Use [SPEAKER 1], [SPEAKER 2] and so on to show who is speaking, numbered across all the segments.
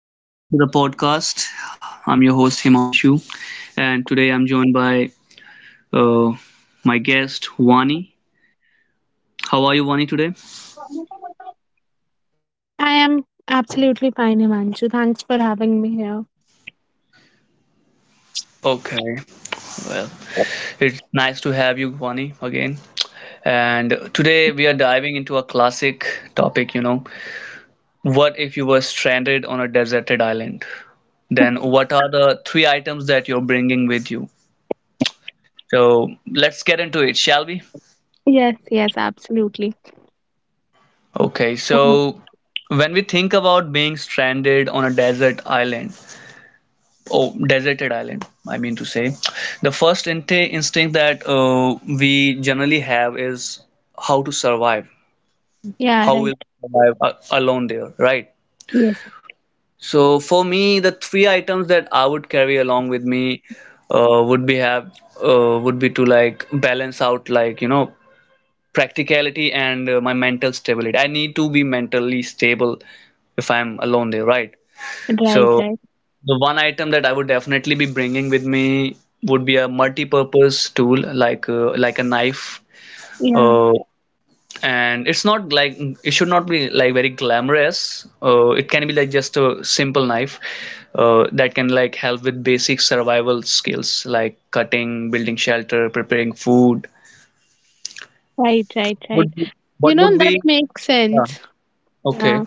[SPEAKER 1] Welcome back to the podcast. I'm your host Himanshu, and today I'm joined by uh, my guest Vani. How are you, Vani, today?
[SPEAKER 2] I am absolutely fine, Himanshu. Thanks for having me here.
[SPEAKER 1] Okay, it's nice to have you, Vani, again. And today we are diving into a classic topic. You know, what if you were stranded on a deserted island? Then what are the three items that you're bringing with you? So let's get into it, shall we?
[SPEAKER 2] Yes, yes, absolutely.
[SPEAKER 1] Okay,
[SPEAKER 2] Mhm.
[SPEAKER 1] so when we think about being stranded on a desert island, oh deserted island, I mean to say, the first instinct that we generally have is how to survive,
[SPEAKER 2] Yeah,
[SPEAKER 1] how
[SPEAKER 2] right.
[SPEAKER 1] will we survive alone there, right?
[SPEAKER 2] Yes,
[SPEAKER 1] So for me, the three items that I would carry along with me uh, would be have would be to, like, balance out, like, you know, practicality and my mental stability. I need to be mentally stable if I'm alone there, right? So
[SPEAKER 2] right, right.
[SPEAKER 1] the one item that I would definitely be bringing with me would be a multi-purpose tool, like a knife.
[SPEAKER 2] Yeah,
[SPEAKER 1] Uh, and it's not like it should not be like very glamorous. It can be like just a simple knife that can like help with basic survival skills like cutting, building shelter, preparing food.
[SPEAKER 2] right, right, right.
[SPEAKER 1] Would be,
[SPEAKER 2] You
[SPEAKER 1] what
[SPEAKER 2] know,
[SPEAKER 1] would
[SPEAKER 2] that
[SPEAKER 1] be?
[SPEAKER 2] makes
[SPEAKER 1] Yeah.
[SPEAKER 2] sense. Yeah.
[SPEAKER 1] Okay.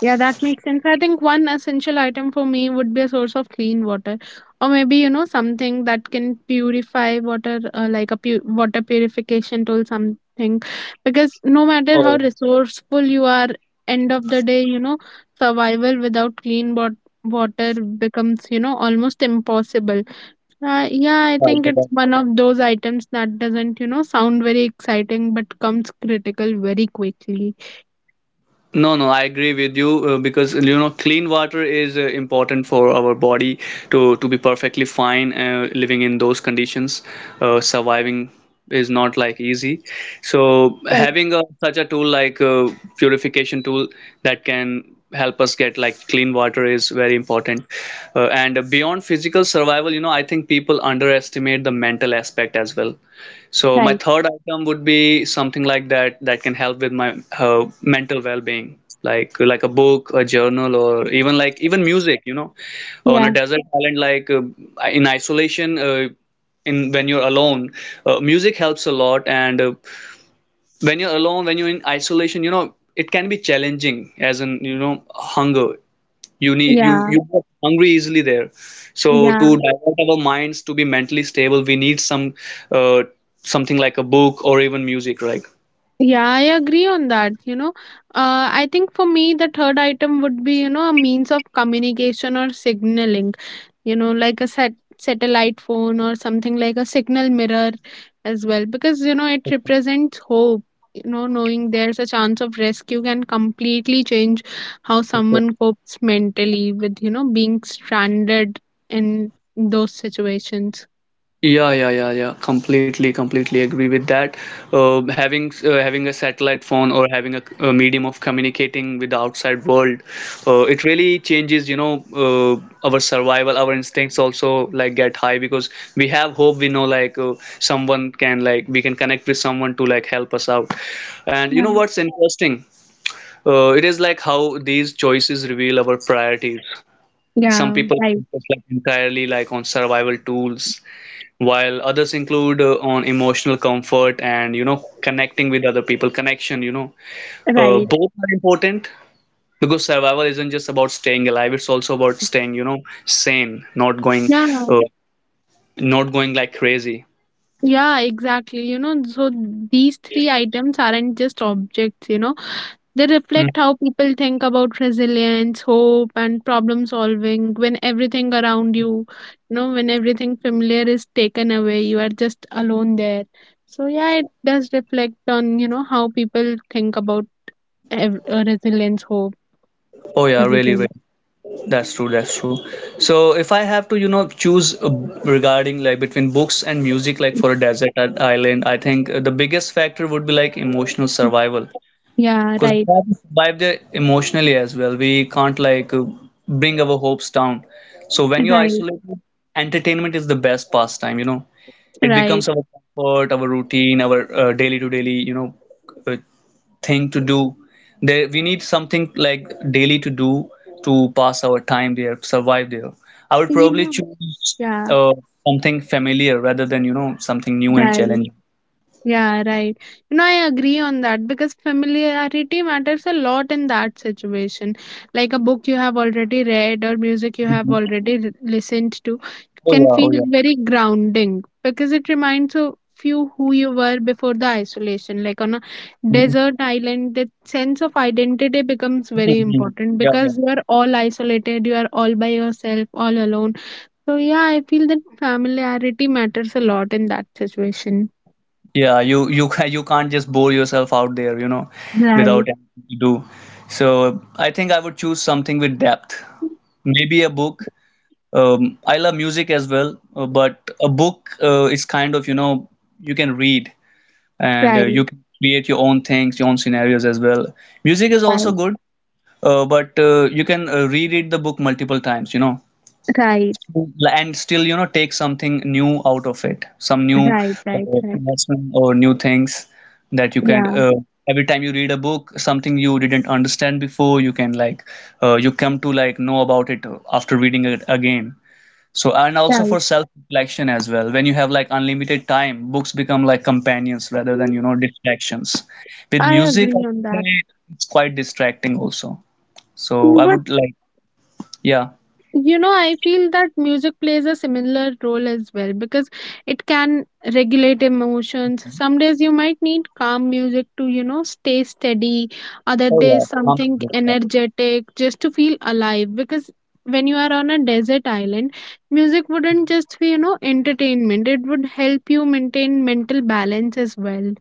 [SPEAKER 2] Yeah, that makes sense. I think one essential item for me would be a source of clean water, or maybe something that can purify water, like a water purification tool, something. Because no matter how
[SPEAKER 1] Oh,
[SPEAKER 2] resourceful you are, end of the day, survival without water becomes almost impossible. Yeah, I think
[SPEAKER 1] yeah.
[SPEAKER 2] it's one of those items that doesn't sound very exciting, but comes critical very quickly.
[SPEAKER 1] No, no, I agree with you because you know clean water is important for our body to be perfectly fine living in those conditions. Surviving is not like easy. So
[SPEAKER 2] Right.
[SPEAKER 1] having a, such a tool like a purification tool that can help us get like clean water is very important. And beyond physical survival, you know, I think people underestimate the mental aspect as well. So my
[SPEAKER 2] Right.
[SPEAKER 1] third item would be something like that that can help with my mental well-being, like a book, a journal, or even like even music. You know, on a
[SPEAKER 2] Yeah.
[SPEAKER 1] desert island, like in isolation, in when you're alone, music helps a lot, and when you're alone, when you're in isolation, you know it can be challenging, as in you know hunger, you need, you
[SPEAKER 2] Yeah.
[SPEAKER 1] you get hungry easily there. So to
[SPEAKER 2] Yeah.
[SPEAKER 1] divert our minds, to be mentally stable, we need some uh, something like a book or even music, right?
[SPEAKER 2] Yeah, I agree on that. I think for me, the third item would be, you know, a means of communication or signaling, you know, like a satellite phone or something like a signal mirror as well, because, you know, it represents hope. You know, knowing there's a chance of rescue can completely change how someone copes mentally with, you know, being stranded in those situations.
[SPEAKER 1] Yeah, yeah, yeah, yeah. Completely, completely agree with that. Having having a satellite phone or having a medium of communicating with the outside world, it really changes, you know, our survival. Our instincts also like get high because we have hope. We know like someone can like we can connect with someone to like help us out. And you
[SPEAKER 2] Yeah.
[SPEAKER 1] know what's interesting? It is like how these choices reveal our priorities. Some
[SPEAKER 2] Yeah,
[SPEAKER 1] people
[SPEAKER 2] right,
[SPEAKER 1] focus like entirely like on survival tools, while others include on emotional comfort and you know connecting with other people, connection, you know,
[SPEAKER 2] right.
[SPEAKER 1] both are important, because survival isn't just about staying alive, it's also about staying, you know, sane, not going
[SPEAKER 2] Yeah,
[SPEAKER 1] uh, not going like crazy.
[SPEAKER 2] yeah, exactly. You know, so these three items aren't just objects, you know, they
[SPEAKER 1] Mm.
[SPEAKER 2] reflect how people think about resilience, hope, and problem solving when everything around you, you know, when everything familiar is taken away, you are just alone there. So, yeah, it does reflect on, you know, how people think about resilience, hope,
[SPEAKER 1] Oh yeah, really,
[SPEAKER 2] everything.
[SPEAKER 1] really. That's true, that's true. So if I have to, you know, choose regarding like between books and music like for a desert island, I think the biggest factor would be like emotional survival.
[SPEAKER 2] Yeah,
[SPEAKER 1] Because
[SPEAKER 2] right,
[SPEAKER 1] we have to survive there emotionally as well. We can't like bring our hopes down. So when you're
[SPEAKER 2] right,
[SPEAKER 1] isolated, entertainment is the best pastime, you know. It
[SPEAKER 2] right.
[SPEAKER 1] becomes our comfort, our routine, our daily to daily, you know, uh, thing to do. There, we need something like daily to do, to pass our time there, survive there. I would
[SPEAKER 2] You
[SPEAKER 1] probably
[SPEAKER 2] know,
[SPEAKER 1] choose
[SPEAKER 2] yeah,
[SPEAKER 1] uh, something familiar rather than, you know, something new and
[SPEAKER 2] right.
[SPEAKER 1] challenging.
[SPEAKER 2] Yeah, right. You know, I agree on that because familiarity matters a lot in that situation. Like a book you have already read or music you have
[SPEAKER 1] Mhm.
[SPEAKER 2] already listened to
[SPEAKER 1] Oh
[SPEAKER 2] can
[SPEAKER 1] yeah, oh
[SPEAKER 2] feel
[SPEAKER 1] yeah.
[SPEAKER 2] very grounding because it reminds of you who you were before the isolation. Like on a
[SPEAKER 1] Mhm.
[SPEAKER 2] desert island, that sense of identity becomes very
[SPEAKER 1] Mhm.
[SPEAKER 2] important
[SPEAKER 1] Yeah, yeah.
[SPEAKER 2] because you are all isolated, you are all by yourself, all alone. So, yeah, I feel that familiarity matters a lot in that situation.
[SPEAKER 1] Yeah, you you can't just bore yourself out there, you know,
[SPEAKER 2] Right.
[SPEAKER 1] without anything to do. So I think I would choose something with depth. Maybe a book. I love music as well, but a book is kind of, you know, you can read and
[SPEAKER 2] Right,
[SPEAKER 1] you can create your own things, your own scenarios as well. Music is also
[SPEAKER 2] right,
[SPEAKER 1] good, but you can reread the book multiple times, you know,
[SPEAKER 2] right,
[SPEAKER 1] and still you know take something new out of it, some new
[SPEAKER 2] right, right, right.
[SPEAKER 1] lesson or new things that you can
[SPEAKER 2] Yeah,
[SPEAKER 1] every time you read a book, something you didn't understand before, you can like you come to like know about it after reading it again. So and also for
[SPEAKER 2] right.
[SPEAKER 1] self reflection as well, when you have like unlimited time, books become like companions rather than, you know, distractions. With
[SPEAKER 2] I
[SPEAKER 1] music, I
[SPEAKER 2] agree on
[SPEAKER 1] can
[SPEAKER 2] that.
[SPEAKER 1] say it's quite distracting also, so I
[SPEAKER 2] But
[SPEAKER 1] would like, yeah.
[SPEAKER 2] I feel that music plays a similar role as well because it can regulate emotions. Some days you might need calm music to, you know, stay steady. Other
[SPEAKER 1] Oh yeah,
[SPEAKER 2] days,
[SPEAKER 1] calm
[SPEAKER 2] something
[SPEAKER 1] music.
[SPEAKER 2] energetic just to feel alive because when you are on a desert island, music wouldn't just be, you know, entertainment, it would help you maintain mental balance as well.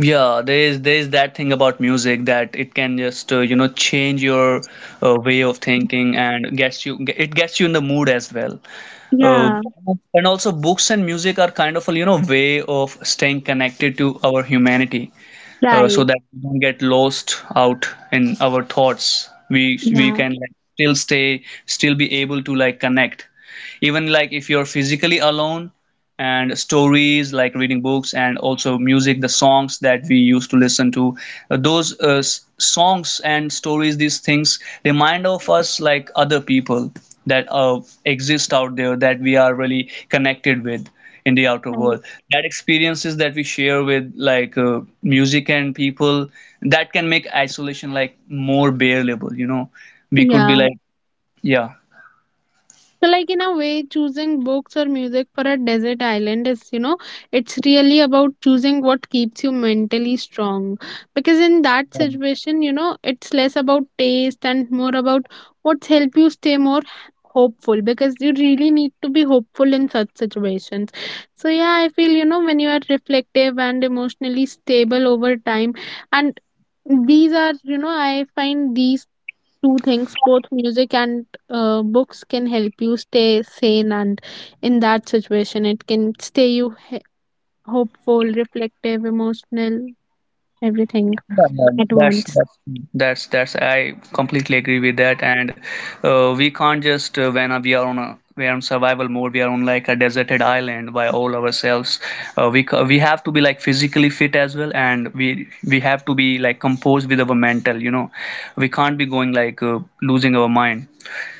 [SPEAKER 1] Yeah, there is, there is that thing about music that it can just you know change your way of thinking, and gets you, it gets you in the mood as well. Uh,
[SPEAKER 2] Yeah,
[SPEAKER 1] and also books and music are kind of a, you know, way of staying connected to our humanity, so
[SPEAKER 2] right.
[SPEAKER 1] that we don't get lost out in our thoughts. We
[SPEAKER 2] Yeah,
[SPEAKER 1] can like still stay, still be able to like connect, even like if you're physically alone, and stories like reading books and also music, the songs that we used to listen to, those songs and stories, these things remind of us like other people that exist out there, that we are really connected with in the outer
[SPEAKER 2] right.
[SPEAKER 1] world, that experiences that we share with like music and people, that can make isolation like more bearable, you know, we could be
[SPEAKER 2] Yeah.
[SPEAKER 1] like yeah.
[SPEAKER 2] So, like, in a way, choosing books or music for a desert island is, you know, it's really about choosing what keeps you mentally strong. Because in that situation, you know, it's less about taste and more about what's help you stay more hopeful because you really need to be hopeful in such situations. So, yeah, I feel, you know, when you are reflective and emotionally stable over time, and these are, you know, I find these two things, both music and books, can help you stay sane and in that situation it can stay you hopeful, reflective, emotional, everything
[SPEAKER 1] Yeah, yeah,
[SPEAKER 2] at
[SPEAKER 1] that's
[SPEAKER 2] once.
[SPEAKER 1] that's that's that's I completely agree with that, and we can't just when we are on a, we are on survival mode, we are on like a deserted island by all ourselves, we have to be like physically fit as well, and we have to be like composed with our mental, you know, we can't be going like losing our mind,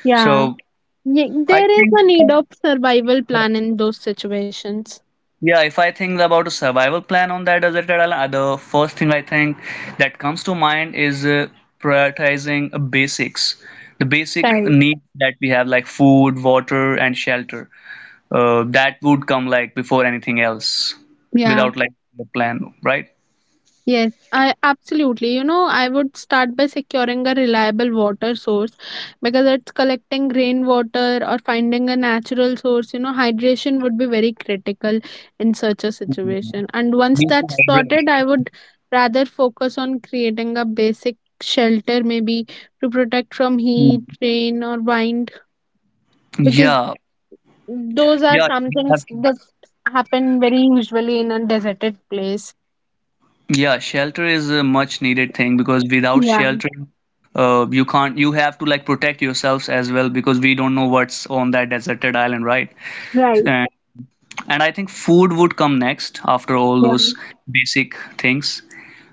[SPEAKER 2] Yeah
[SPEAKER 1] so I
[SPEAKER 2] There is a need
[SPEAKER 1] think.
[SPEAKER 2] of survival plan in those situations.
[SPEAKER 1] Yeah, if I think about a survival plan on that deserted island, the first thing I think that comes to mind is prioritizing basics, the basic
[SPEAKER 2] Right.
[SPEAKER 1] needs that we have, like food, water, and shelter. That would come like before anything else,
[SPEAKER 2] Yeah.
[SPEAKER 1] without like a plan, right?
[SPEAKER 2] Yes, I absolutely. You know, I would start by securing a reliable water source because it's collecting rainwater or finding a natural source. You know, hydration would be very critical in such a situation. And once
[SPEAKER 1] Need to
[SPEAKER 2] that's
[SPEAKER 1] hydrate.
[SPEAKER 2] sorted, I would rather focus on creating a basic shelter, maybe to protect from
[SPEAKER 1] Hmm.
[SPEAKER 2] heat, rain, or wind, because
[SPEAKER 1] Yeah,
[SPEAKER 2] those are
[SPEAKER 1] yeah,
[SPEAKER 2] some
[SPEAKER 1] we have
[SPEAKER 2] things
[SPEAKER 1] to.
[SPEAKER 2] that happen very usually in a deserted place.
[SPEAKER 1] Yeah, shelter is a much needed thing, because without
[SPEAKER 2] Yeah,
[SPEAKER 1] shelter, you can't, you have to like protect yourselves as well, because we don't know what's on that deserted island, right?
[SPEAKER 2] right.
[SPEAKER 1] And I think food would come next after all
[SPEAKER 2] Yeah,
[SPEAKER 1] those basic things,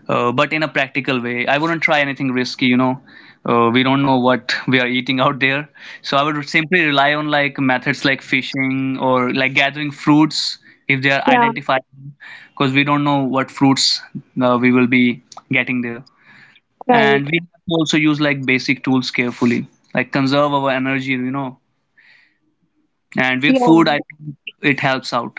[SPEAKER 1] but in a practical way. I wouldn't try anything risky, you know. We don't know what we are eating out there. So I would simply rely on like methods like fishing or like gathering fruits if they are
[SPEAKER 2] yeah.
[SPEAKER 1] identified, because we don't know what fruits we will be getting there. And
[SPEAKER 2] Right.
[SPEAKER 1] we have to also use like basic tools carefully, like conserve our energy, you know. And with food,
[SPEAKER 2] Yeah.
[SPEAKER 1] I think it helps out.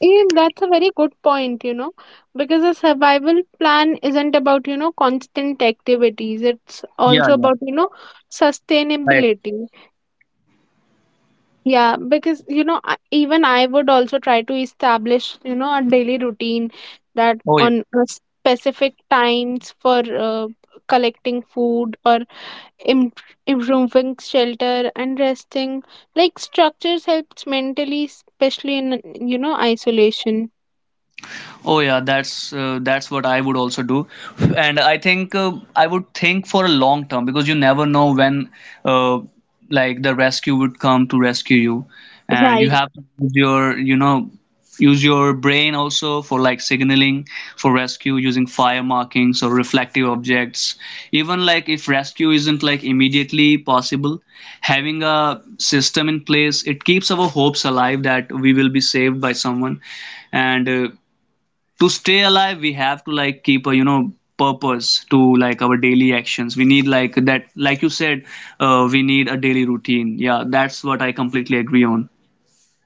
[SPEAKER 2] Even that's a very good point, you know, because a survival plan isn't about, you know, constant activities. It's
[SPEAKER 1] Yeah,
[SPEAKER 2] also
[SPEAKER 1] yeah.
[SPEAKER 2] about, you know, sustainability. Yeah, because, even I would also try to establish, you know, a daily routine that
[SPEAKER 1] Oh yeah.
[SPEAKER 2] on a specific times for uh, collecting food or im- improving shelter and resting. Like structures helps mentally, especially in, you know, isolation.
[SPEAKER 1] Oh yeah, that's what I would also do, and I think I would think for a long term, because you never know when, uh, like the rescue would come to rescue you, and you
[SPEAKER 2] Right.
[SPEAKER 1] have to use your, you know, use your brain also for like signaling for rescue using fire markings or reflective objects. Even like if rescue isn't like immediately possible, having a system in place, it keeps our hopes alive that we will be saved by someone, and to stay alive we have to like keep a, you know, purpose to like our daily actions. We need like that, like you said, we need a daily routine, yeah, that's what I completely agree on.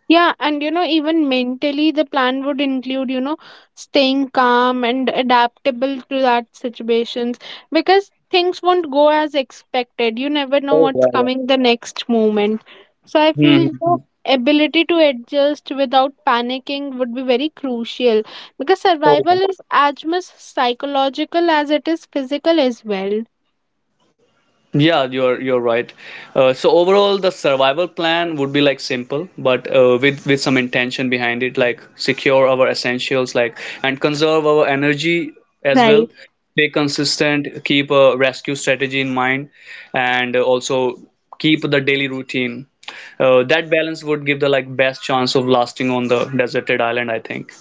[SPEAKER 2] Yeah, and you know, even mentally, the plan would include, you know, staying calm and adaptable to that situations because things won't go as expected. You never know
[SPEAKER 1] Oh yeah,
[SPEAKER 2] what's
[SPEAKER 1] yeah.
[SPEAKER 2] coming the next moment. So I feel
[SPEAKER 1] Hmm.
[SPEAKER 2] the ability to adjust without panicking would be very crucial because
[SPEAKER 1] Oh, yeah.
[SPEAKER 2] survival is as much psychological as it is physical as well.
[SPEAKER 1] Yeah, you're right. So overall, the survival plan would be like simple, but with some intention behind it, like secure our essentials, like and conserve our energy as
[SPEAKER 2] Right.
[SPEAKER 1] well. Stay consistent, keep a rescue strategy in mind, and also keep the daily routine. That balance would give the like best chance of lasting on the deserted island, I think.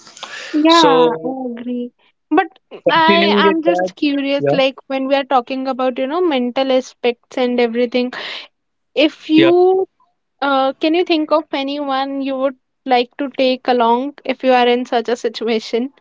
[SPEAKER 2] Yeah,
[SPEAKER 1] So
[SPEAKER 2] I agree. But I
[SPEAKER 1] continuing with
[SPEAKER 2] am
[SPEAKER 1] that,
[SPEAKER 2] just curious,
[SPEAKER 1] yeah,
[SPEAKER 2] like when we are talking about, you know, mental aspects and everything, if
[SPEAKER 1] yeah.
[SPEAKER 2] you can you think of anyone you would like to take along if you are in such a situation?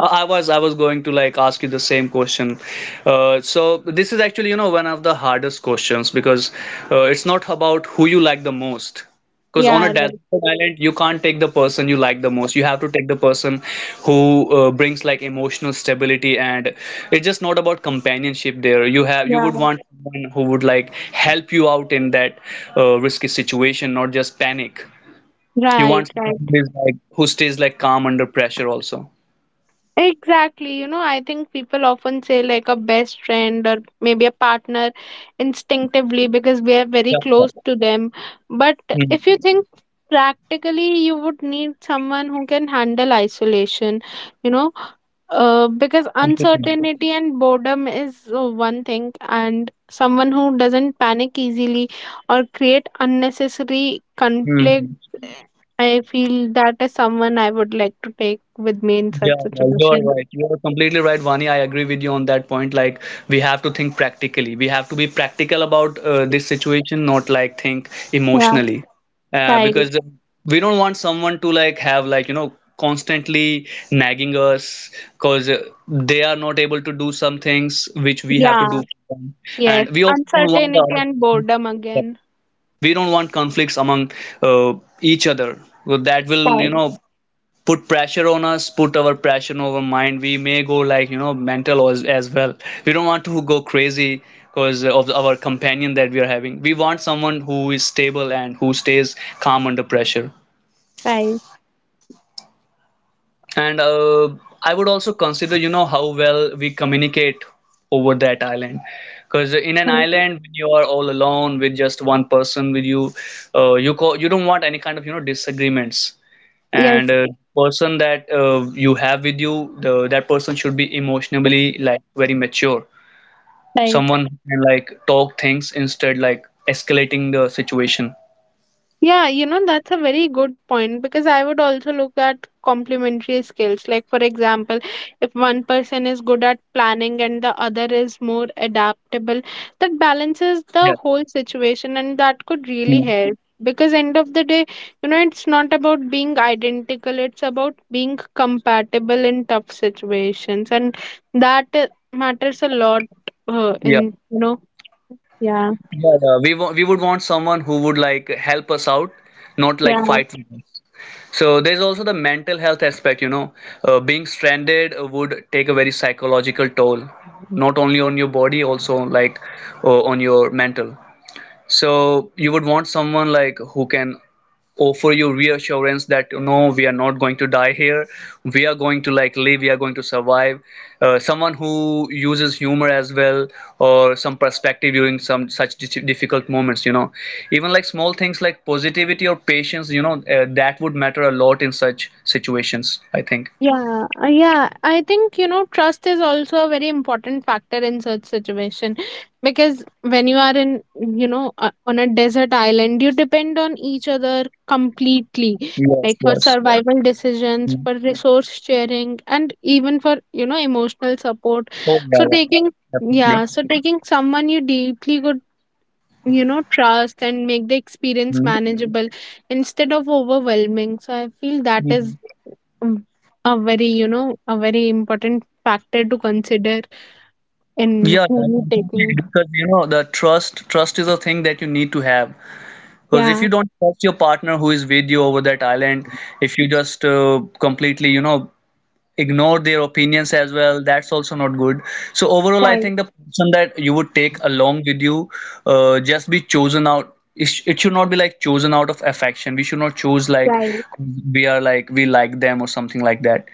[SPEAKER 1] I was going to like ask you the same question. So this is actually you know one of the hardest questions because it's not about who you like the most. Because on a
[SPEAKER 2] Yeah,
[SPEAKER 1] desert
[SPEAKER 2] right.
[SPEAKER 1] island, you can't take the person you like the most. You have to take the person who brings like emotional stability, and it's just not about companionship there. You have you would
[SPEAKER 2] Yeah,
[SPEAKER 1] want someone who would like help you out in that risky situation, not just panic. You
[SPEAKER 2] right,
[SPEAKER 1] want someone
[SPEAKER 2] right.
[SPEAKER 1] who is like who stays like calm under pressure also.
[SPEAKER 2] Exactly. You know, I think people often say like a best friend or maybe a partner instinctively because we are very close to them. But
[SPEAKER 1] Yeah.
[SPEAKER 2] if you think practically, you would need someone who can handle isolation, you know, because
[SPEAKER 1] Completely.
[SPEAKER 2] uncertainty and boredom is one thing, and someone who doesn't panic easily or create unnecessary conflict.
[SPEAKER 1] Mhm.
[SPEAKER 2] I feel that is someone I would like to take with me in
[SPEAKER 1] Yeah,
[SPEAKER 2] such
[SPEAKER 1] yeah,
[SPEAKER 2] situation.
[SPEAKER 1] you're right. You're completely right, Vani. I agree with you on that point. Like, we have to think practically. We have to be practical about this situation, not like think
[SPEAKER 2] Yeah.
[SPEAKER 1] emotionally,
[SPEAKER 2] Right.
[SPEAKER 1] because we don't want someone to like have like you know constantly nagging us because they are not able to do some things which we have to
[SPEAKER 2] Yeah.
[SPEAKER 1] do for them,
[SPEAKER 2] Yes.
[SPEAKER 1] and we also don't want the
[SPEAKER 2] Uncertainty
[SPEAKER 1] other
[SPEAKER 2] and
[SPEAKER 1] person
[SPEAKER 2] boredom
[SPEAKER 1] yeah,
[SPEAKER 2] again.
[SPEAKER 1] we don't want conflicts among uh, each other, so that will you
[SPEAKER 2] Right.
[SPEAKER 1] know put pressure on us, put our pressure on our mind. We may go like you know mental as well. We don't want to go crazy because of our companion that we are having. We want someone who is stable and who stays calm under pressure.
[SPEAKER 2] Right.
[SPEAKER 1] And I would also consider you know how well we communicate over that island, because in an island when you are all alone with just one person with you, you you don't want any kind of you know disagreements. And
[SPEAKER 2] Yes.
[SPEAKER 1] person that you have with you, that person should be emotionally like very mature,
[SPEAKER 2] Right.
[SPEAKER 1] someone who can like talk things instead like escalating the situation.
[SPEAKER 2] Yeah, you know, that's a very good point because I would also look at complementary skills. Like, for example, if one person is good at planning and the other is more adaptable, that balances the
[SPEAKER 1] Yeah.
[SPEAKER 2] whole situation and that could really
[SPEAKER 1] Mm.
[SPEAKER 2] help. Because end of the day, you know, it's not about being identical, it's about being compatible in tough situations. And that matters a lot
[SPEAKER 1] Yeah.
[SPEAKER 2] in, you know, yeah,
[SPEAKER 1] Yeah, yeah. We would want someone who would like help us out, not like
[SPEAKER 2] yeah.
[SPEAKER 1] fight with us. So there's also the mental health aspect, you know. Being stranded would take a very psychological toll, not only on your body, also like on your mental. So you would want someone like who can offer you reassurance that no, we are not going to die here. We are going to like live. We are going to survive. Someone who uses humor as well, or some perspective during some such difficult moments. You know, even like small things like positivity or patience. You know, that would matter a lot in such situations, I think.
[SPEAKER 2] Yeah. I think, you know, trust is also a very important factor in such situation because when you are in, you know, on a desert island, you depend on each other completely,
[SPEAKER 1] Yes.
[SPEAKER 2] like for
[SPEAKER 1] Yes.
[SPEAKER 2] survival decisions,
[SPEAKER 1] Mm.
[SPEAKER 2] for resource sharing, and even for, you know, emotional support.
[SPEAKER 1] Oh yeah.
[SPEAKER 2] So
[SPEAKER 1] Yeah.
[SPEAKER 2] taking,
[SPEAKER 1] Definitely.
[SPEAKER 2] yeah, so taking someone you deeply, you know, trust and make the experience manageable instead of overwhelming, so I feel that is
[SPEAKER 1] Mm.
[SPEAKER 2] um, a very, you know, a very important factor to consider in
[SPEAKER 1] Yeah, yeah,
[SPEAKER 2] who
[SPEAKER 1] I
[SPEAKER 2] you
[SPEAKER 1] completely
[SPEAKER 2] taking.
[SPEAKER 1] agree. Because you know the trust is a thing that you need to have. Because if
[SPEAKER 2] Yeah,
[SPEAKER 1] you don't trust your partner who is with you over that island, if you just completely you know ignore their opinions as well, that's also not good. So overall, I
[SPEAKER 2] right,
[SPEAKER 1] think the person that you would take along with you, just be chosen out, it should not be like chosen out of affection. We should not choose like
[SPEAKER 2] right,
[SPEAKER 1] we are like we like them or something like that.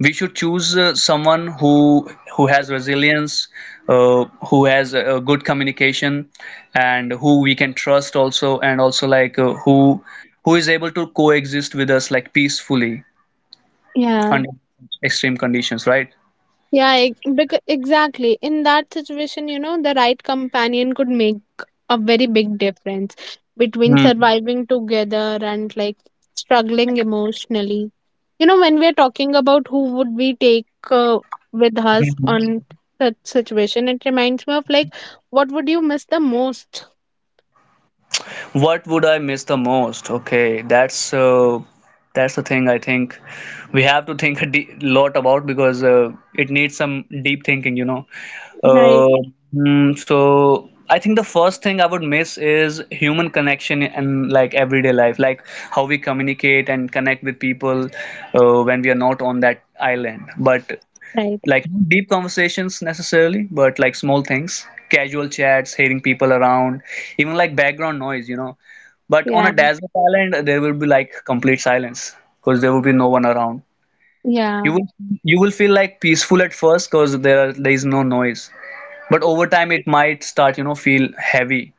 [SPEAKER 1] We should choose someone who has resilience, uh, who has a good communication, and who we can trust also, and also like who is able to coexist with us like peacefully
[SPEAKER 2] yeah.
[SPEAKER 1] under extreme conditions, right?
[SPEAKER 2] Exactly. In that situation, you know, the right companion could make a very big difference between
[SPEAKER 1] Hmm.
[SPEAKER 2] surviving together and like struggling emotionally. You know, when we're talking about who would we take with us
[SPEAKER 1] Mhm.
[SPEAKER 2] on such situation, it reminds me of like, what would you miss the most?
[SPEAKER 1] What would I miss the most? Okay, that's the thing I think we have to think a de lot about, because it needs some deep thinking, you know.
[SPEAKER 2] Right,
[SPEAKER 1] Uh, so I think the first thing I would miss is human connection and like everyday life, like how we communicate and connect with people when we are not on that island. But
[SPEAKER 2] right.
[SPEAKER 1] like not deep conversations necessarily, but like small things, casual chats, hearing people around, even like background noise, you know. But on
[SPEAKER 2] Yeah,
[SPEAKER 1] a desert island there will be like complete silence because there will be no one around.
[SPEAKER 2] yeah.
[SPEAKER 1] You will you will feel like peaceful at first because there is no noise, but over time it might start you know feel heavy.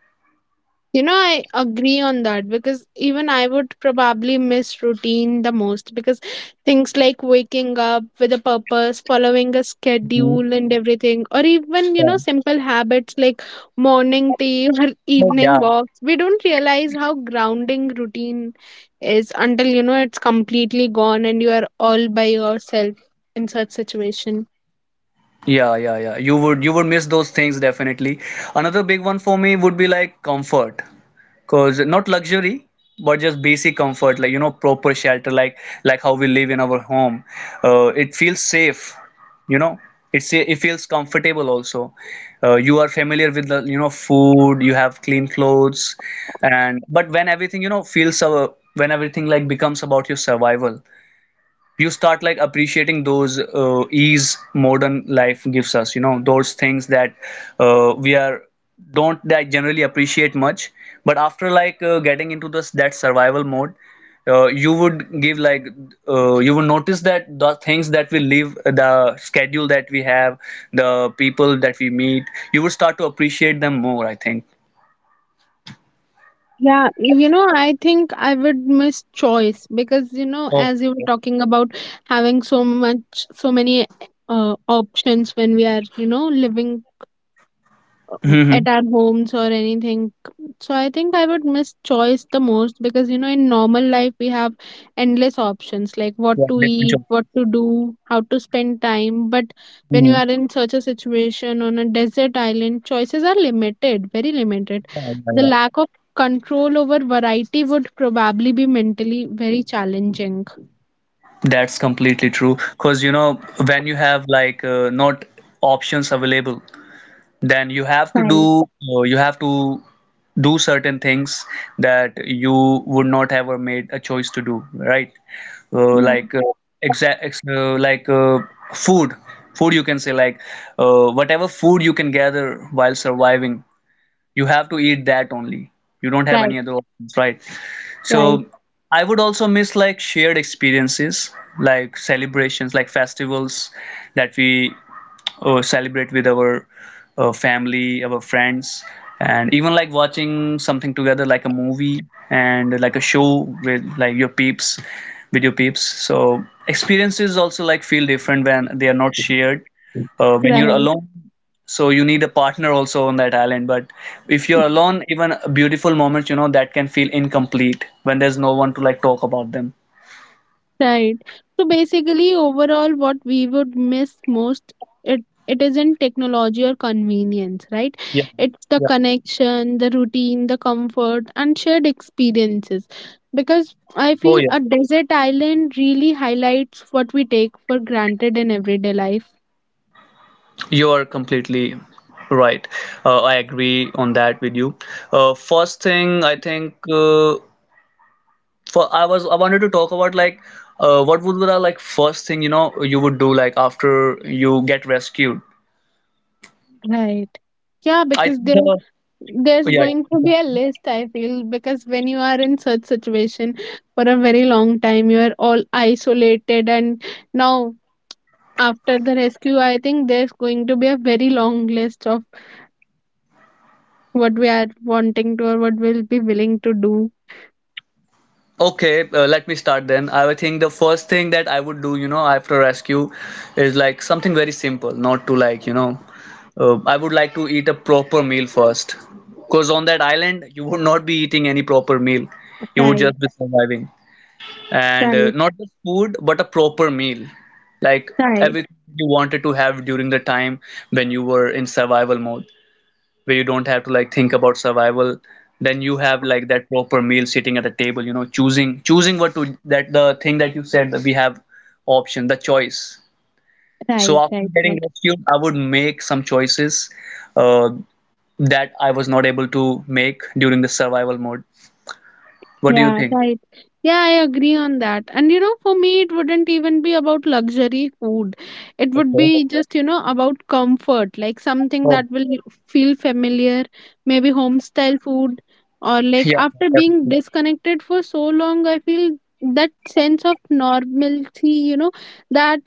[SPEAKER 2] You know, I agree on that because even I would probably miss routine the most because things like waking up with a purpose, following a
[SPEAKER 1] Mhm.
[SPEAKER 2] schedule and everything, or even, you know,
[SPEAKER 1] Yeah.
[SPEAKER 2] simple habits like morning tea or
[SPEAKER 1] Oh, yeah.
[SPEAKER 2] evening walks, we don't realize how grounding routine is until, you know, it's completely gone and you are all by yourself in such situation.
[SPEAKER 1] Yeah yeah yeah, you would miss those things definitely. Another big one for me would be like comfort. Cause not luxury, but just basic comfort, like you know, proper shelter, like how we live in our home. It feels safe, you know. It's it feels comfortable also. You are familiar with the you know food. You have clean clothes, and but when everything you know feels when everything like becomes about your survival, you start like appreciating those ease modern life gives us, you know, those things that we are don't that generally appreciate much. But after like getting into this that survival mode, you would give like you would notice that the things that we live, the schedule that we have, the people that we meet, you would start to appreciate them more, I think.
[SPEAKER 2] Yeah, you know, I think I would miss choice because, you know,
[SPEAKER 1] Oh,
[SPEAKER 2] as you were talking about having so much, so many options when we are, you know, living
[SPEAKER 1] mm-hmm.
[SPEAKER 2] at our homes or anything. So I think I would miss choice the most because you know in normal life we have endless options like what
[SPEAKER 1] Yeah,
[SPEAKER 2] to
[SPEAKER 1] different
[SPEAKER 2] eat,
[SPEAKER 1] job.
[SPEAKER 2] what to do, how to spend time. But when you
[SPEAKER 1] Mhm.
[SPEAKER 2] are in such a situation on a desert island, choices are limited, very limited.
[SPEAKER 1] Yeah, yeah.
[SPEAKER 2] The
[SPEAKER 1] Yeah.
[SPEAKER 2] lack of control over variety would probably be mentally very challenging.
[SPEAKER 1] That's completely true. Because, you know, when you have like not options available, then you have to
[SPEAKER 2] Right.
[SPEAKER 1] do you have to do certain things that you would not have or made a choice to do, right?
[SPEAKER 2] Yeah.
[SPEAKER 1] Like exact ex like food, food you can say like whatever food you can gather while surviving, you have to eat that only. You don't have
[SPEAKER 2] Right.
[SPEAKER 1] any other options, right?
[SPEAKER 2] Right.
[SPEAKER 1] So I would also miss like shared experiences, like celebrations, like festivals that we celebrate with our family, our friends, and even like watching something together, like a movie and like a show with like your peeps, with your peeps. So experiences also like feel different when they are not shared. When you're
[SPEAKER 2] Right.
[SPEAKER 1] alone, so you need a partner also on that island. But if you're alone, even beautiful moments you know that can feel incomplete when there's no one to like talk about them.
[SPEAKER 2] Right. So basically, overall, what we would miss most, it isn't technology or convenience, right?
[SPEAKER 1] Yeah.
[SPEAKER 2] It's the
[SPEAKER 1] Yeah.
[SPEAKER 2] connection, the routine, the comfort, and shared experiences. Because I
[SPEAKER 1] Oh
[SPEAKER 2] feel
[SPEAKER 1] yeah,
[SPEAKER 2] a desert island really highlights what we take for granted in everyday life.
[SPEAKER 1] you are completely right. I agree on that with you. First thing I think, uh, for I was I wanted to talk about like what would be the like first thing you know you would do like after you get rescued.
[SPEAKER 2] Right. Yeah,
[SPEAKER 1] I
[SPEAKER 2] because
[SPEAKER 1] think
[SPEAKER 2] there there's going to be a
[SPEAKER 1] yeah.
[SPEAKER 2] list, I feel, because when you are in such situation for a very long time, you are all isolated and now after the rescue, I think there's going to be a very long list of what we are wanting to or what we'll be willing to do.
[SPEAKER 1] Okay, let me start then. I would think the first thing that I would do, you know, after rescue is like something very simple, not to like, you know, I would like to eat a proper meal first. Because on that island, you would not be eating any proper meal. You would
[SPEAKER 2] Right,
[SPEAKER 1] just be surviving. And
[SPEAKER 2] right,
[SPEAKER 1] not just food, but a proper meal. Like
[SPEAKER 2] right,
[SPEAKER 1] everything you wanted to have during the time when you were in survival mode, where you don't have to like think about survival, then you have like that proper meal sitting at the table, you know, choosing what to, that the thing that you said that we have, option, the choice. So
[SPEAKER 2] right,
[SPEAKER 1] after
[SPEAKER 2] right,
[SPEAKER 1] getting
[SPEAKER 2] right.
[SPEAKER 1] rescued I would make some choices uh, that I was not able to make during the survival mode. What do you
[SPEAKER 2] Yeah,
[SPEAKER 1] think?
[SPEAKER 2] right. Yeah, I agree on that. And you know, for me, it wouldn't even be about luxury food. It would
[SPEAKER 1] Okay.
[SPEAKER 2] be just, you know, about comfort, like something
[SPEAKER 1] Oh
[SPEAKER 2] that will feel familiar, maybe home style food, or like
[SPEAKER 1] yeah,
[SPEAKER 2] after being
[SPEAKER 1] definitely.
[SPEAKER 2] disconnected for so long, I feel that sense of normalcy, you know, that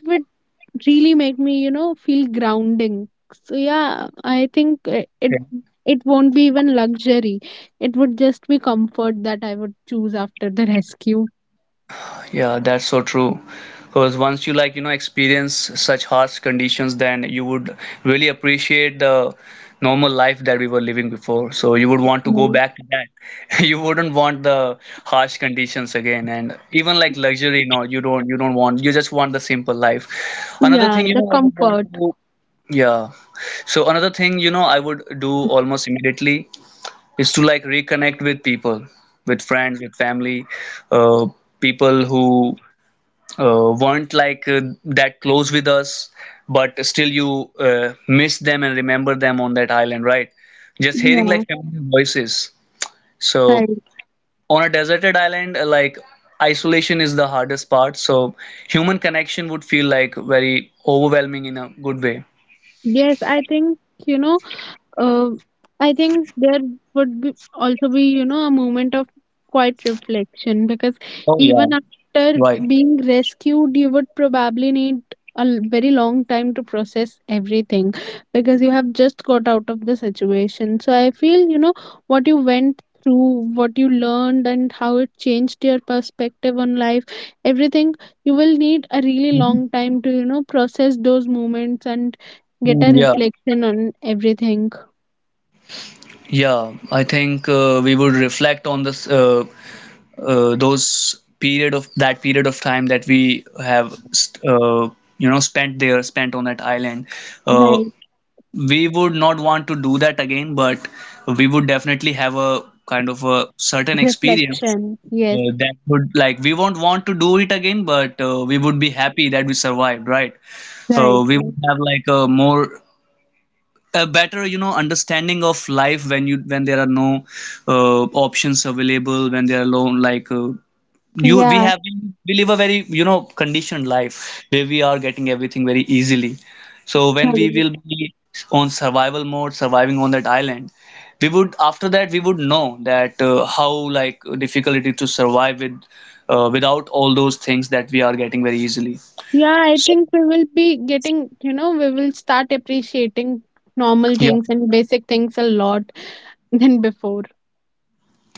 [SPEAKER 2] really made me you know feel grounding. So yeah, I think it
[SPEAKER 1] Yeah.
[SPEAKER 2] it won't be even luxury, it would just be comfort that I would choose after the rescue.
[SPEAKER 1] Yeah, that's so true. Because once you like, you know, experience such harsh conditions, then you would really appreciate the normal life that we were living before. So you would want to go
[SPEAKER 2] Mm,
[SPEAKER 1] back to that. You wouldn't want the harsh conditions again. And even like luxury, no, you don't want, you just want the simple life. Another
[SPEAKER 2] yeah,
[SPEAKER 1] thing, you
[SPEAKER 2] the
[SPEAKER 1] know, I would want
[SPEAKER 2] comfort.
[SPEAKER 1] to, yeah. So another thing, you know, I would do almost immediately is to like reconnect with people, with friends, with family, uh, people who weren't like that close with us, but still you miss them and remember them on that island, right? Just hearing
[SPEAKER 2] Yeah,
[SPEAKER 1] like familiar voices.
[SPEAKER 2] right.
[SPEAKER 1] So on a deserted island, like isolation is the hardest part. So human connection would feel like very overwhelming in a good way.
[SPEAKER 2] Yes, I think, you know, uh, I think there would be also be, you know, a moment of quiet reflection because
[SPEAKER 1] Oh
[SPEAKER 2] even
[SPEAKER 1] yeah,
[SPEAKER 2] after
[SPEAKER 1] right.
[SPEAKER 2] being rescued, you would probably need very long time to process everything because you have just got out of the situation. So I feel what you went through, what you learned, and how it changed your perspective on life. Everything, you will need a really
[SPEAKER 1] Mhm.
[SPEAKER 2] long time to process those moments and get a
[SPEAKER 1] Mm. Yeah,
[SPEAKER 2] reflection on everything.
[SPEAKER 1] yeah. I think we would reflect on this those period of that period of time that we spent on that island. uh,
[SPEAKER 2] Right.
[SPEAKER 1] we would not want to do that again, but we would definitely have a kind of a certain experience
[SPEAKER 2] Reflection. Yes.
[SPEAKER 1] that would like, we won't want to do it again, but we would be happy that we survived, right? So
[SPEAKER 2] Right,
[SPEAKER 1] we
[SPEAKER 2] right.
[SPEAKER 1] would have like a more, a better, understanding of life when you when there are no options available, when there are low, like, you we
[SPEAKER 2] Yeah.
[SPEAKER 1] have been, we live a very, conditioned life where we are getting everything very easily. So when we
[SPEAKER 2] Right.
[SPEAKER 1] will be on survival mode, surviving on that island, we would, after that, we would know that how like difficult it is to survive with without all those things that we are getting very easily.
[SPEAKER 2] Yeah, I
[SPEAKER 1] So
[SPEAKER 2] think we will be getting, we will start appreciating normal
[SPEAKER 1] yeah,
[SPEAKER 2] things and basic things a lot than before.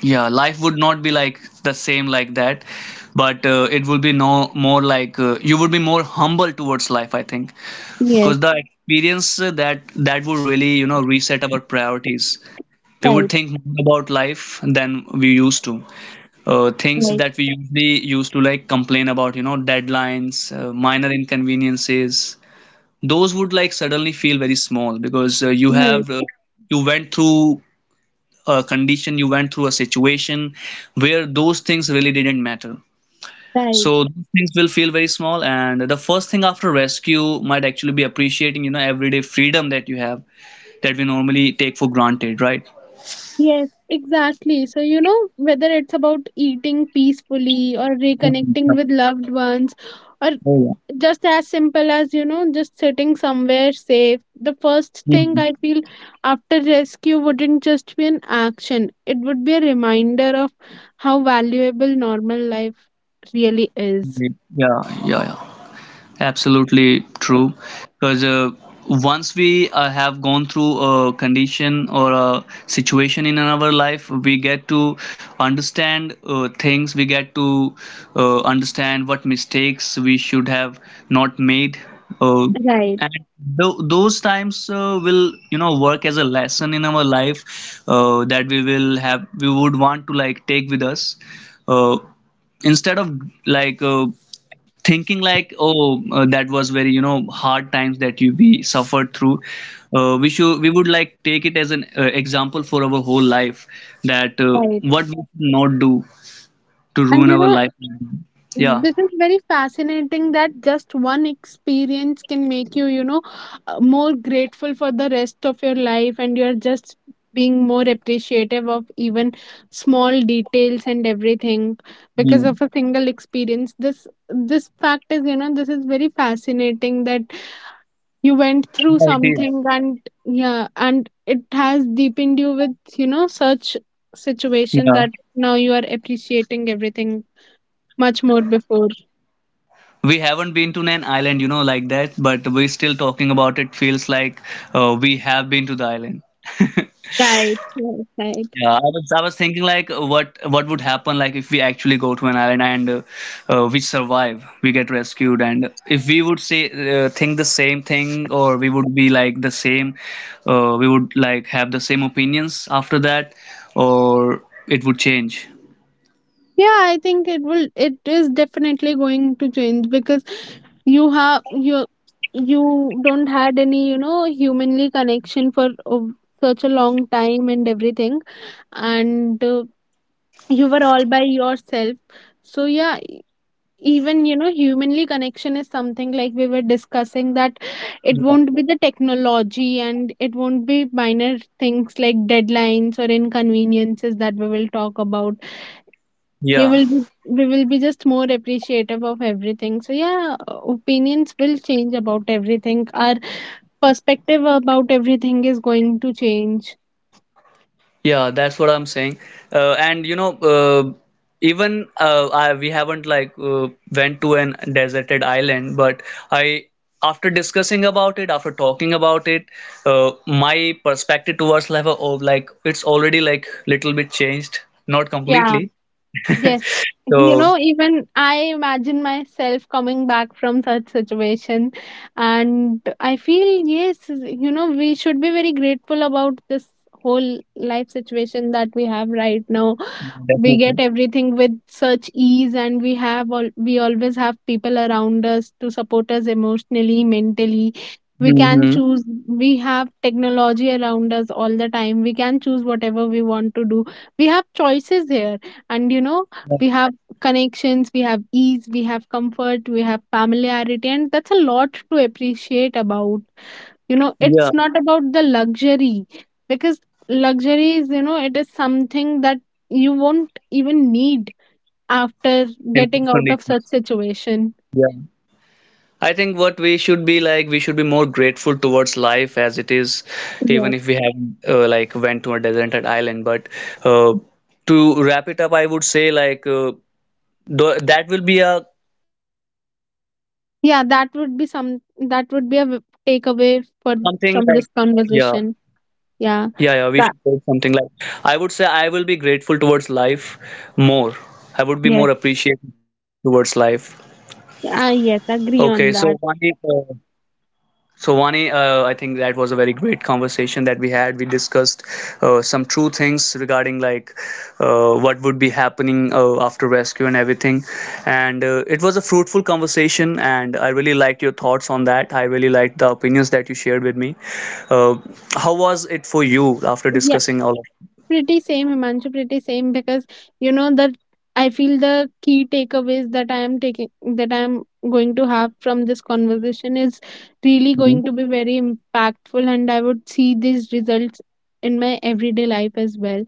[SPEAKER 1] yeah, life would not be like the same like that, but it would be no more, like, you would be more humble towards life, I think.
[SPEAKER 2] Yes.
[SPEAKER 1] Because the experience that would really, reset our priorities. We would
[SPEAKER 2] Right.
[SPEAKER 1] think more about life than we used to. Things
[SPEAKER 2] Right.
[SPEAKER 1] that we usually used to like complain about, deadlines, minor inconveniences, those would like suddenly feel very small. Because you
[SPEAKER 2] Right.
[SPEAKER 1] have you went through a situation where those things really didn't matter.
[SPEAKER 2] Right.
[SPEAKER 1] So those things will feel very small, and the first thing after rescue might actually be appreciating, everyday freedom that you have, that we normally take for granted, right?
[SPEAKER 2] Yes, exactly. So, whether it's about eating peacefully or
[SPEAKER 1] Mm, yeah.
[SPEAKER 2] reconnecting with loved ones, or
[SPEAKER 1] Oh,
[SPEAKER 2] just as simple as, just sitting somewhere safe, the first
[SPEAKER 1] yeah.
[SPEAKER 2] thing
[SPEAKER 1] Mm,
[SPEAKER 2] I feel after rescue wouldn't just be an action, it would be a reminder of how valuable normal life really is.
[SPEAKER 1] yeah, yeah, yeah. Absolutely true. Because once we have gone through a condition or a situation in our life, we get to understand things. We get to understand what mistakes we should have not made. Uh,
[SPEAKER 2] Right,
[SPEAKER 1] and those times will, work as a lesson in our life that we will have we would want to like take with us. uh, Instead of like thinking like, oh, that was very, hard times that you we suffered through, we would like take it as an example for our whole life, that what
[SPEAKER 2] right.
[SPEAKER 1] we should not do to
[SPEAKER 2] And
[SPEAKER 1] ruin
[SPEAKER 2] you
[SPEAKER 1] our
[SPEAKER 2] know,
[SPEAKER 1] life. Yeah.
[SPEAKER 2] this is very fascinating that just one experience can make you you know more grateful for the rest of your life, and you're just being more appreciative of even small details and everything because
[SPEAKER 1] Hmm.
[SPEAKER 2] of a single experience. This fact is, you know, this is very fascinating that you went through
[SPEAKER 1] Yeah, it is.
[SPEAKER 2] something, and yeah, and it has deepened you with, you know, such situation
[SPEAKER 1] Yeah,
[SPEAKER 2] that now you are appreciating everything much more before.
[SPEAKER 1] we haven't been to an island, you know, like that, but we're still talking about it, feels like we have been to the island.
[SPEAKER 2] Right, right, right.
[SPEAKER 1] Yeah, I was thinking like, what would happen, like if we actually go to an island and we survive, we get rescued, and if we would say think the same thing, or we would be like the same, we would like have the same opinions after that, or it would change.
[SPEAKER 2] Yeah, I think it will. It is definitely going to change because you have you you don't had any, you know, humanly connection for such a long time and everything, and you were all by yourself. So yeah, even you know humanly connection is something like we were discussing, that it
[SPEAKER 1] Yeah.
[SPEAKER 2] won't be the technology, and it won't be minor things like deadlines or inconveniences that we will talk about. We
[SPEAKER 1] Yeah.
[SPEAKER 2] will be we will be just more appreciative of everything. So yeah, opinions will change about everything. Our perspective about everything is going to change.
[SPEAKER 1] Yeah, that's what I'm saying. And you know, even we haven't like went to an deserted island, but I, after discussing about it, after talking about it, my perspective towards life of, like, it's already like little bit changed, not
[SPEAKER 2] Yeah.
[SPEAKER 1] completely.
[SPEAKER 2] Yes. You
[SPEAKER 1] So
[SPEAKER 2] know, even I imagine myself coming back from such situation, and I feel, yes, you know, we should be very grateful about this whole life situation that we have right now. We get
[SPEAKER 1] definitely.
[SPEAKER 2] everything with such ease, and we always have people around us to support us emotionally, mentally. We can
[SPEAKER 1] Hmm.
[SPEAKER 2] choose. We have technology around us all the time. We can choose whatever we want to do. We have choices here. And you know, we have connections, we have ease, we have comfort, we have familiarity, and that's a lot to appreciate about. You know,
[SPEAKER 1] Yeah,
[SPEAKER 2] it's not about the luxury, because luxury is, you know, it is something that you won't even need after
[SPEAKER 1] in those
[SPEAKER 2] getting out of such
[SPEAKER 1] conditions.
[SPEAKER 2] situation.
[SPEAKER 1] Yeah. I think what we should be like, we should be more grateful towards life as it is, even
[SPEAKER 2] Yes.
[SPEAKER 1] if we have like went to a deserted island. But uh, to wrap it up, I would say like th that will be a cool
[SPEAKER 2] Yeah, that
[SPEAKER 1] experience,
[SPEAKER 2] would
[SPEAKER 1] or
[SPEAKER 2] be
[SPEAKER 1] what
[SPEAKER 2] some,
[SPEAKER 1] should I say?
[SPEAKER 2] that would be a
[SPEAKER 1] That would be
[SPEAKER 2] takeaway
[SPEAKER 1] something
[SPEAKER 2] for,
[SPEAKER 1] like,
[SPEAKER 2] from this
[SPEAKER 1] yeah.
[SPEAKER 2] conversation. Yeah,
[SPEAKER 1] Yeah, yeah, we
[SPEAKER 2] that.
[SPEAKER 1] should take something like, I would say I will be grateful towards life more. I
[SPEAKER 2] Yes.
[SPEAKER 1] would be more appreciative towards life.
[SPEAKER 2] Ah, yes. Agree
[SPEAKER 1] Okay,
[SPEAKER 2] on
[SPEAKER 1] so
[SPEAKER 2] that.
[SPEAKER 1] Vani. I think that was a very great conversation that we had. We discussed some true things regarding like what would be happening after rescue and everything. And it was a fruitful conversation, and I really liked your thoughts on that. I really liked the opinions that you shared with me. Uh, how was it for you after
[SPEAKER 2] Yeah.
[SPEAKER 1] discussing all of.
[SPEAKER 2] Pretty same, Himanshu, pretty same, because you know that I feel the key takeaways that I am taking, that I am going to have from this conversation is really going to
[SPEAKER 1] Mhm.
[SPEAKER 2] be very impactful, and I would see these results in my everyday life as well.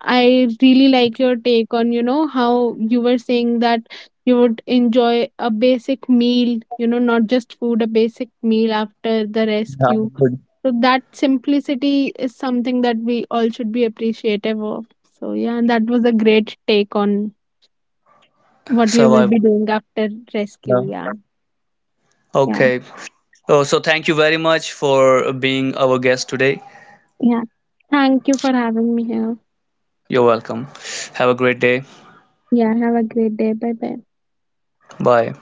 [SPEAKER 2] I really like your take on, you know, how you were saying that you would enjoy a basic meal, you know, not just food, a basic meal after the
[SPEAKER 1] Yeah,
[SPEAKER 2] rescue,
[SPEAKER 1] good.
[SPEAKER 2] so that simplicity is something that we all should be appreciative of. So yeah, and that was a great take on what you will be
[SPEAKER 1] Survival?
[SPEAKER 2] doing after rescue.
[SPEAKER 1] Yeah.
[SPEAKER 2] Yeah, yeah,
[SPEAKER 1] Okay. Oh, so thank you very much for being our guest today.
[SPEAKER 2] yeah. Thank you for having me here.
[SPEAKER 1] You're welcome. Have a great day.
[SPEAKER 2] Yeah, have a great day. Bye bye.
[SPEAKER 1] Bye.